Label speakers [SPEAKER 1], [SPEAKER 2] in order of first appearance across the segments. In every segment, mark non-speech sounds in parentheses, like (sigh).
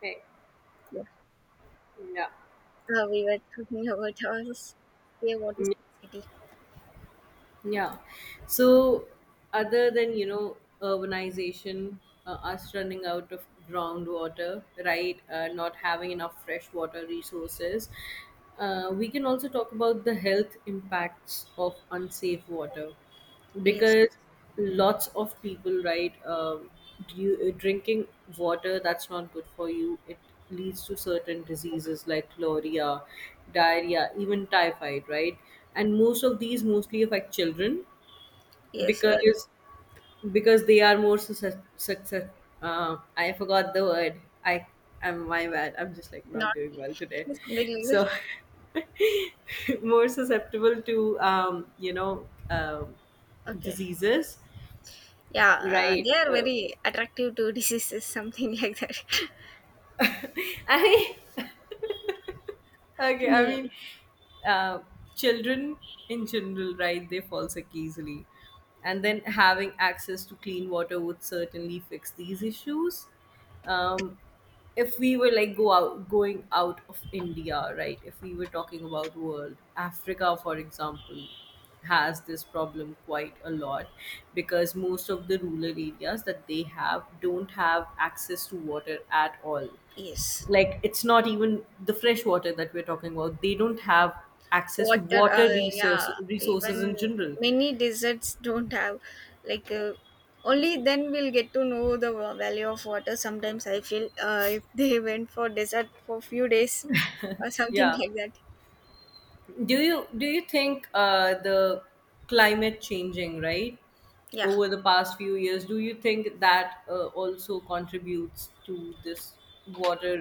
[SPEAKER 1] Hey,
[SPEAKER 2] Yeah,
[SPEAKER 1] yeah.
[SPEAKER 2] we were talking about our yeah, what is city?
[SPEAKER 1] Yeah. So, other than, urbanization, us running out of groundwater, right? Not having enough fresh water resources, we can also talk about the health impacts of unsafe water,
[SPEAKER 2] Yes,
[SPEAKER 1] because lots of people, right? You, drinking water that's not good for you, it leads to certain diseases like chloria, diarrhea, even typhoid, right? And most of these mostly affect children,
[SPEAKER 2] yes,
[SPEAKER 1] because they are more success I forgot the word. I am, my bad. I'm just like
[SPEAKER 2] not
[SPEAKER 1] not doing
[SPEAKER 2] (laughs)
[SPEAKER 1] well today.
[SPEAKER 2] something like
[SPEAKER 1] So,
[SPEAKER 2] that.
[SPEAKER 1] (laughs) more susceptible to
[SPEAKER 2] Okay.
[SPEAKER 1] diseases,
[SPEAKER 2] Yeah,
[SPEAKER 1] right?
[SPEAKER 2] they are very attractive to diseases, (laughs) something like that. (laughs)
[SPEAKER 1] (laughs) I Okay, I mean,
[SPEAKER 2] Yeah.
[SPEAKER 1] uh, children in general, right? They fall sick easily, and then having access to clean water would certainly fix these issues. um, if we were like go out going out of India, right? If we were talking about world, Africa, for example, has this problem quite a lot, because most of the rural areas that they have don't have access to water at all.
[SPEAKER 2] Yes,
[SPEAKER 1] Like, it's not even the fresh water that we're talking about, they don't have access to
[SPEAKER 2] water.
[SPEAKER 1] water
[SPEAKER 2] Yeah,
[SPEAKER 1] resources
[SPEAKER 2] even
[SPEAKER 1] in general.
[SPEAKER 2] many deserts don't have like. Only then we'll get to know the value of water. Sometimes I feel if they (laughs) went for desert for few days or something
[SPEAKER 1] Yeah,
[SPEAKER 2] like that.
[SPEAKER 1] do you think the climate changing, right?
[SPEAKER 2] Yeah.
[SPEAKER 1] Over the past few years, do you think that also contributes to this water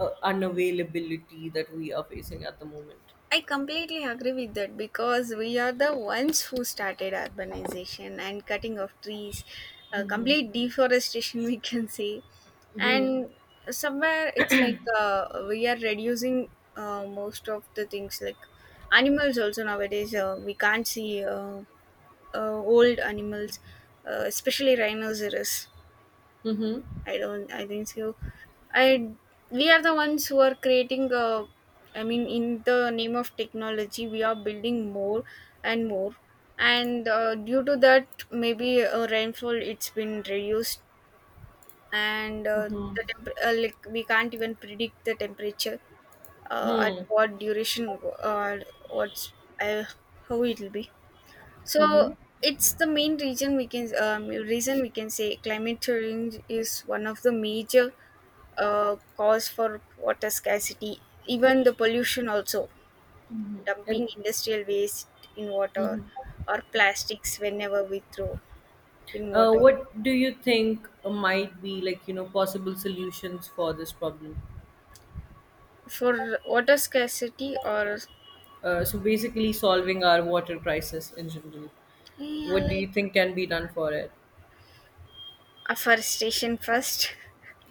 [SPEAKER 1] unavailability that we are facing at the moment?
[SPEAKER 2] I completely agree with that because we are the ones who started urbanization and cutting of trees, complete deforestation, (laughs) we can say. And somewhere it's like we are reducing most of the things like animals also nowadays. We can't see old animals, especially rhinoceros.
[SPEAKER 1] Mm-hmm.
[SPEAKER 2] I don't. I think so. I we are the ones who are creating. I mean, in the name of technology, we are building more and more, and due to that, maybe rainfall it's been reduced, and the like we can't even predict the temperature at
[SPEAKER 1] Mm-hmm.
[SPEAKER 2] what duration or what's uh, how it will be. So
[SPEAKER 1] Mm-hmm.
[SPEAKER 2] it's the main reason we can say climate change is one of the major cause for water scarcity, even the pollution also, dumping industrial waste in water
[SPEAKER 1] And
[SPEAKER 2] or plastics whenever we throw in water.
[SPEAKER 1] What do you think might be, like, possible solutions for this problem?
[SPEAKER 2] For water scarcity or
[SPEAKER 1] So, basically, solving our water crisis in general.
[SPEAKER 2] yeah,
[SPEAKER 1] What do you
[SPEAKER 2] like
[SPEAKER 1] think can be done for it?
[SPEAKER 2] afforestation first,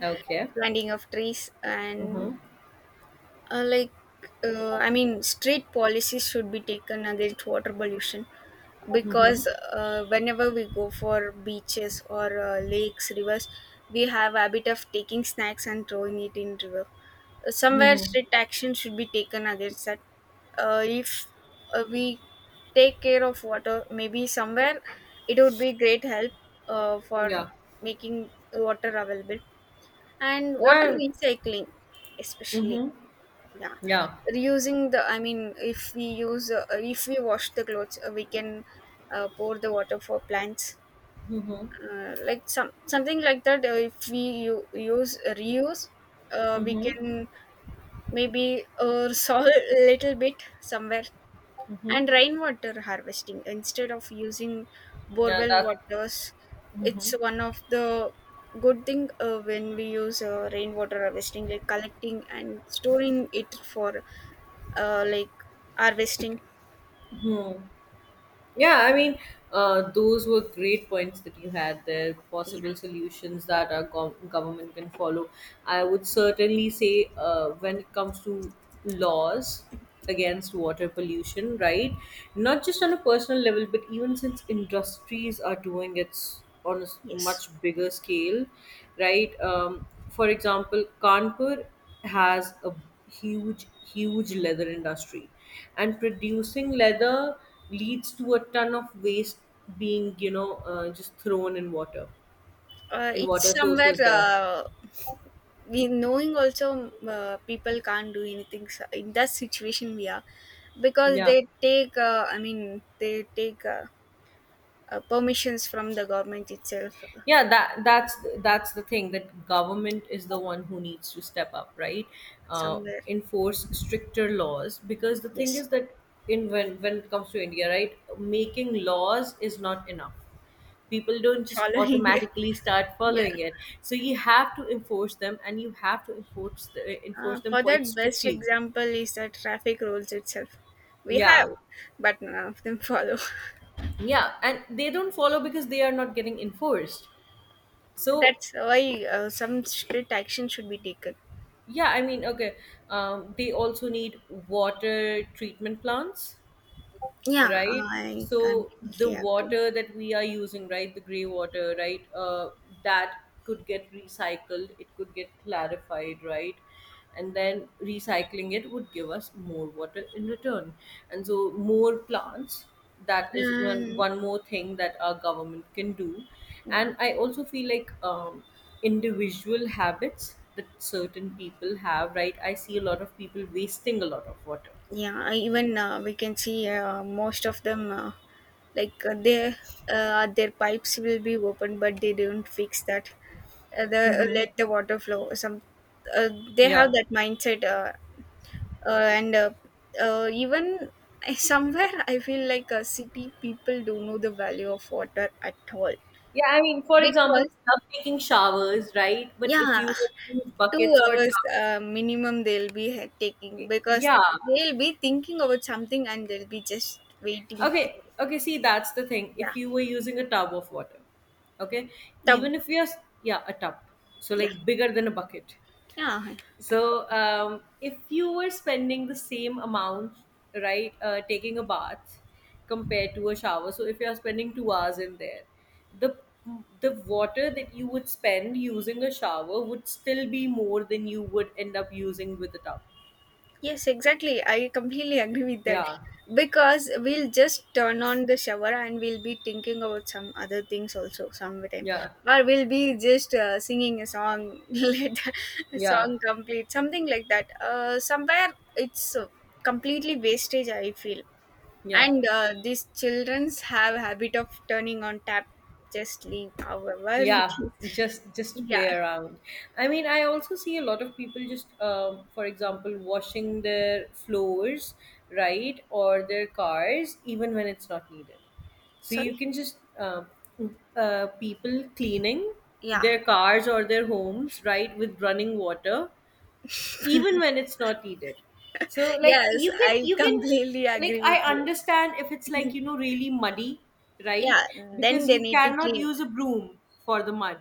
[SPEAKER 1] Okay.
[SPEAKER 2] (laughs) planting of trees and
[SPEAKER 1] Mm-hmm.
[SPEAKER 2] uh, like I mean, strict policies should be taken against water pollution
[SPEAKER 1] Mm-hmm.
[SPEAKER 2] because whenever we go for beaches or lakes rivers we have habit of taking snacks and throwing it in river somewhere
[SPEAKER 1] Mm-hmm.
[SPEAKER 2] strict action should be taken against that if we take care of water maybe somewhere it would be great help for
[SPEAKER 1] Yeah.
[SPEAKER 2] making water available and water
[SPEAKER 1] Yeah.
[SPEAKER 2] recycling especially
[SPEAKER 1] Mm-hmm.
[SPEAKER 2] yeah
[SPEAKER 1] Yeah.
[SPEAKER 2] reusing the I mean if we use if we wash the clothes we can pour the water for plants
[SPEAKER 1] Mm-hmm.
[SPEAKER 2] like something like that if we use reuse we
[SPEAKER 1] Mm-hmm.
[SPEAKER 2] can maybe soil (laughs) a little bit somewhere
[SPEAKER 1] Mm-hmm.
[SPEAKER 2] and rainwater harvesting instead of using
[SPEAKER 1] Yeah.
[SPEAKER 2] borewell
[SPEAKER 1] That.
[SPEAKER 2] waters it's
[SPEAKER 1] Mm-hmm.
[SPEAKER 2] one of the good thing when we use rainwater harvesting like collecting and storing it for uh, like harvesting.
[SPEAKER 1] Hmm. Yeah, I mean, those were great points that you had there,
[SPEAKER 2] Yeah.
[SPEAKER 1] possible solutions that our government can follow. I would certainly say, when it comes to laws against water pollution, right? Not just on a personal level, but even since industries are doing it on a
[SPEAKER 2] Yes,
[SPEAKER 1] much bigger scale, right? For example, Kanpur has a huge, huge leather industry, and producing leather leads to a ton of waste being just thrown in water, in water
[SPEAKER 2] it's somewhere
[SPEAKER 1] sources there.
[SPEAKER 2] we knowing also people can't do anything so in that situation we are because
[SPEAKER 1] Yeah,
[SPEAKER 2] they take I mean they take permissions from the government itself
[SPEAKER 1] yeah, that's the thing, that government is the one who needs to step up, right? uh,
[SPEAKER 2] somewhere
[SPEAKER 1] Enforce stricter laws, because the thing
[SPEAKER 2] yes
[SPEAKER 1] is that, in when it comes to India, right, making laws is not enough. People don't just
[SPEAKER 2] following (laughs)
[SPEAKER 1] automatically start
[SPEAKER 2] yeah
[SPEAKER 1] following it. So you have to enforce them, and you have to enforce them
[SPEAKER 2] for
[SPEAKER 1] quite
[SPEAKER 2] that best
[SPEAKER 1] strictly.
[SPEAKER 2] example is the traffic rules itself we
[SPEAKER 1] Yeah,
[SPEAKER 2] have but none of them follow.
[SPEAKER 1] yeah, and they don't follow because they are not getting enforced.
[SPEAKER 2] (laughs)
[SPEAKER 1] So,
[SPEAKER 2] That's why some strict action should be taken
[SPEAKER 1] yeah, I mean, okay. They also need water treatment plants,
[SPEAKER 2] yeah
[SPEAKER 1] right?
[SPEAKER 2] I
[SPEAKER 1] So the
[SPEAKER 2] completely agree.
[SPEAKER 1] water that we are using, right, the gray water, right, that could get recycled, it could get clarified, right? And then recycling it would give us more water in return, and so more plants. That is one
[SPEAKER 2] And
[SPEAKER 1] one more thing that our government can do.
[SPEAKER 2] yeah,
[SPEAKER 1] And I also feel like, individual habits that certain people have, right? I see a lot of people wasting a lot of water.
[SPEAKER 2] yeah. I- Even we can see most of them, like uh, their their pipes will be open, but they don't fix that. The
[SPEAKER 1] Mm-hmm.
[SPEAKER 2] Let the water flow. Some uh, they have
[SPEAKER 1] Yeah.
[SPEAKER 2] that mindset, and even I- somewhere I feel like city people don't know the value of water at all
[SPEAKER 1] Yeah, I mean, for example,
[SPEAKER 2] because
[SPEAKER 1] we love taking showers, right? But if
[SPEAKER 2] yeah
[SPEAKER 1] you were to use
[SPEAKER 2] 2
[SPEAKER 1] buckets or
[SPEAKER 2] hours
[SPEAKER 1] tubs.
[SPEAKER 2] minimum they'll be taking because
[SPEAKER 1] Yeah.
[SPEAKER 2] they'll be thinking about something and they'll be just waiting.
[SPEAKER 1] Okay, okay, see, that's the thing. If
[SPEAKER 2] Yeah.
[SPEAKER 1] you were using a tub of water, okay,
[SPEAKER 2] Tub.
[SPEAKER 1] even if you're, yeah, a tub, so,
[SPEAKER 2] Yeah.
[SPEAKER 1] like, bigger than a bucket.
[SPEAKER 2] Yeah.
[SPEAKER 1] So, if you were spending the same amount, right, taking a bath compared to a shower, so if you are spending 2 hours in there, the the water that you would spend using a shower would still be more than you would end up using with a tub.
[SPEAKER 2] Yes, exactly. I completely agree with that.
[SPEAKER 1] Yeah,
[SPEAKER 2] Because we'll just turn on the shower and we'll be thinking about some other things also sometime.
[SPEAKER 1] yeah,
[SPEAKER 2] Or we'll be just singing a song, (laughs) let the
[SPEAKER 1] yeah,
[SPEAKER 2] song complete, something like that. Somewhere it's completely wastage, I feel.
[SPEAKER 1] yeah.
[SPEAKER 2] And these childrens have habit of turning on tap just leave however (laughs) it
[SPEAKER 1] Yeah,
[SPEAKER 2] is.
[SPEAKER 1] just to play
[SPEAKER 2] Yeah.
[SPEAKER 1] around. I mean, I also see a lot of people just, for example, washing their floors, right, or their cars, even when it's not needed, so
[SPEAKER 2] Sorry?
[SPEAKER 1] you can just, people cleaning
[SPEAKER 2] Yeah.
[SPEAKER 1] their cars or their homes, right, with running water, even when it's not needed. So, like,
[SPEAKER 2] Yes,
[SPEAKER 1] you can,
[SPEAKER 2] I (laughs) completely
[SPEAKER 1] like,
[SPEAKER 2] agree
[SPEAKER 1] I
[SPEAKER 2] with you.
[SPEAKER 1] understand, if it's, like, really muddy, right,
[SPEAKER 2] Yeah, then
[SPEAKER 1] because
[SPEAKER 2] they
[SPEAKER 1] you
[SPEAKER 2] need to
[SPEAKER 1] cannot
[SPEAKER 2] clean.
[SPEAKER 1] use a broom for the mud.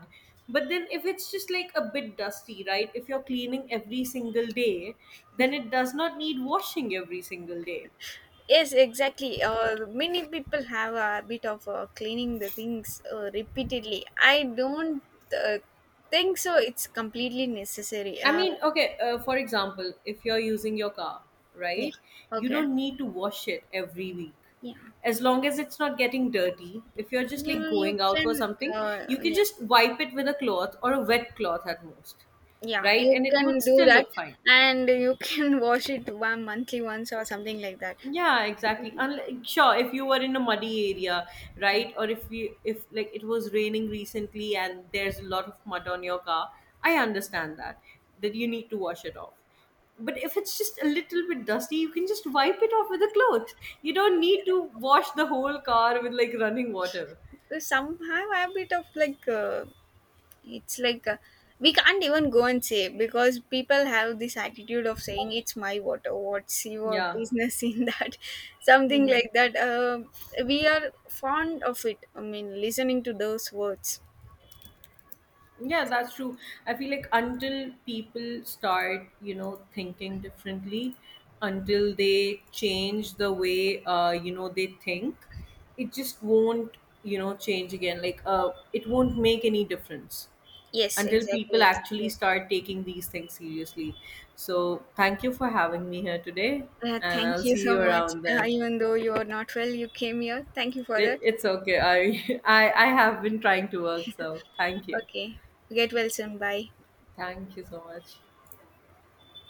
[SPEAKER 1] But then, if it's just, like, a bit dusty, right, if you're cleaning every single day, then it does not need washing every single day.
[SPEAKER 2] Yes, exactly. Many people have a habit of cleaning the things repeatedly. I don't uh, think so. It's completely necessary.
[SPEAKER 1] I mean, okay, for example, if you're using your car, right,
[SPEAKER 2] Yeah.
[SPEAKER 1] you
[SPEAKER 2] Okay.
[SPEAKER 1] don't need to wash it every week.
[SPEAKER 2] Yeah.
[SPEAKER 1] As long as it's not getting dirty, if you're just like going
[SPEAKER 2] You
[SPEAKER 1] out for
[SPEAKER 2] can.
[SPEAKER 1] something, you can
[SPEAKER 2] Yeah.
[SPEAKER 1] just wipe it with a cloth or a wet cloth at most,
[SPEAKER 2] Yeah,
[SPEAKER 1] right?
[SPEAKER 2] you
[SPEAKER 1] And it would
[SPEAKER 2] can do
[SPEAKER 1] still
[SPEAKER 2] that,
[SPEAKER 1] look fine.
[SPEAKER 2] and you can (laughs) wash it one monthly once or something like that.
[SPEAKER 1] Yeah, exactly. Unlike, sure, if you were in a muddy area, right, or if you, if like it was raining recently and there's a lot of mud on your car, I understand that, that you need to wash it off. But if it's just a little bit dusty, you can just wipe it off with a cloth. You don't need to wash the whole car with, like, running water.
[SPEAKER 2] Because somehow a bit of like it's like we can't even go and say because people have this attitude of saying it's my water. What's your
[SPEAKER 1] Yeah.
[SPEAKER 2] business in that? (laughs) Something
[SPEAKER 1] Mm-hmm.
[SPEAKER 2] like that. We are fond of it. I mean, listening to those words.
[SPEAKER 1] Yeah, that's true. I feel like until people start, thinking differently, until they change the way, they think, it just won't, change again. Like, it won't make any difference
[SPEAKER 2] Yes,
[SPEAKER 1] until people
[SPEAKER 2] exactly.
[SPEAKER 1] actually start taking these things seriously. So, thank you for having me here today,
[SPEAKER 2] Yeah,
[SPEAKER 1] and
[SPEAKER 2] thank
[SPEAKER 1] I'll
[SPEAKER 2] you
[SPEAKER 1] see
[SPEAKER 2] so
[SPEAKER 1] you
[SPEAKER 2] much.
[SPEAKER 1] around then.
[SPEAKER 2] Even though you are not well, you came here. Thank you for
[SPEAKER 1] It,
[SPEAKER 2] that.
[SPEAKER 1] it's okay. I, (laughs) I have been trying to work, so thank you.
[SPEAKER 2] Okay. Get well soon. Bye.
[SPEAKER 1] Thank you so much.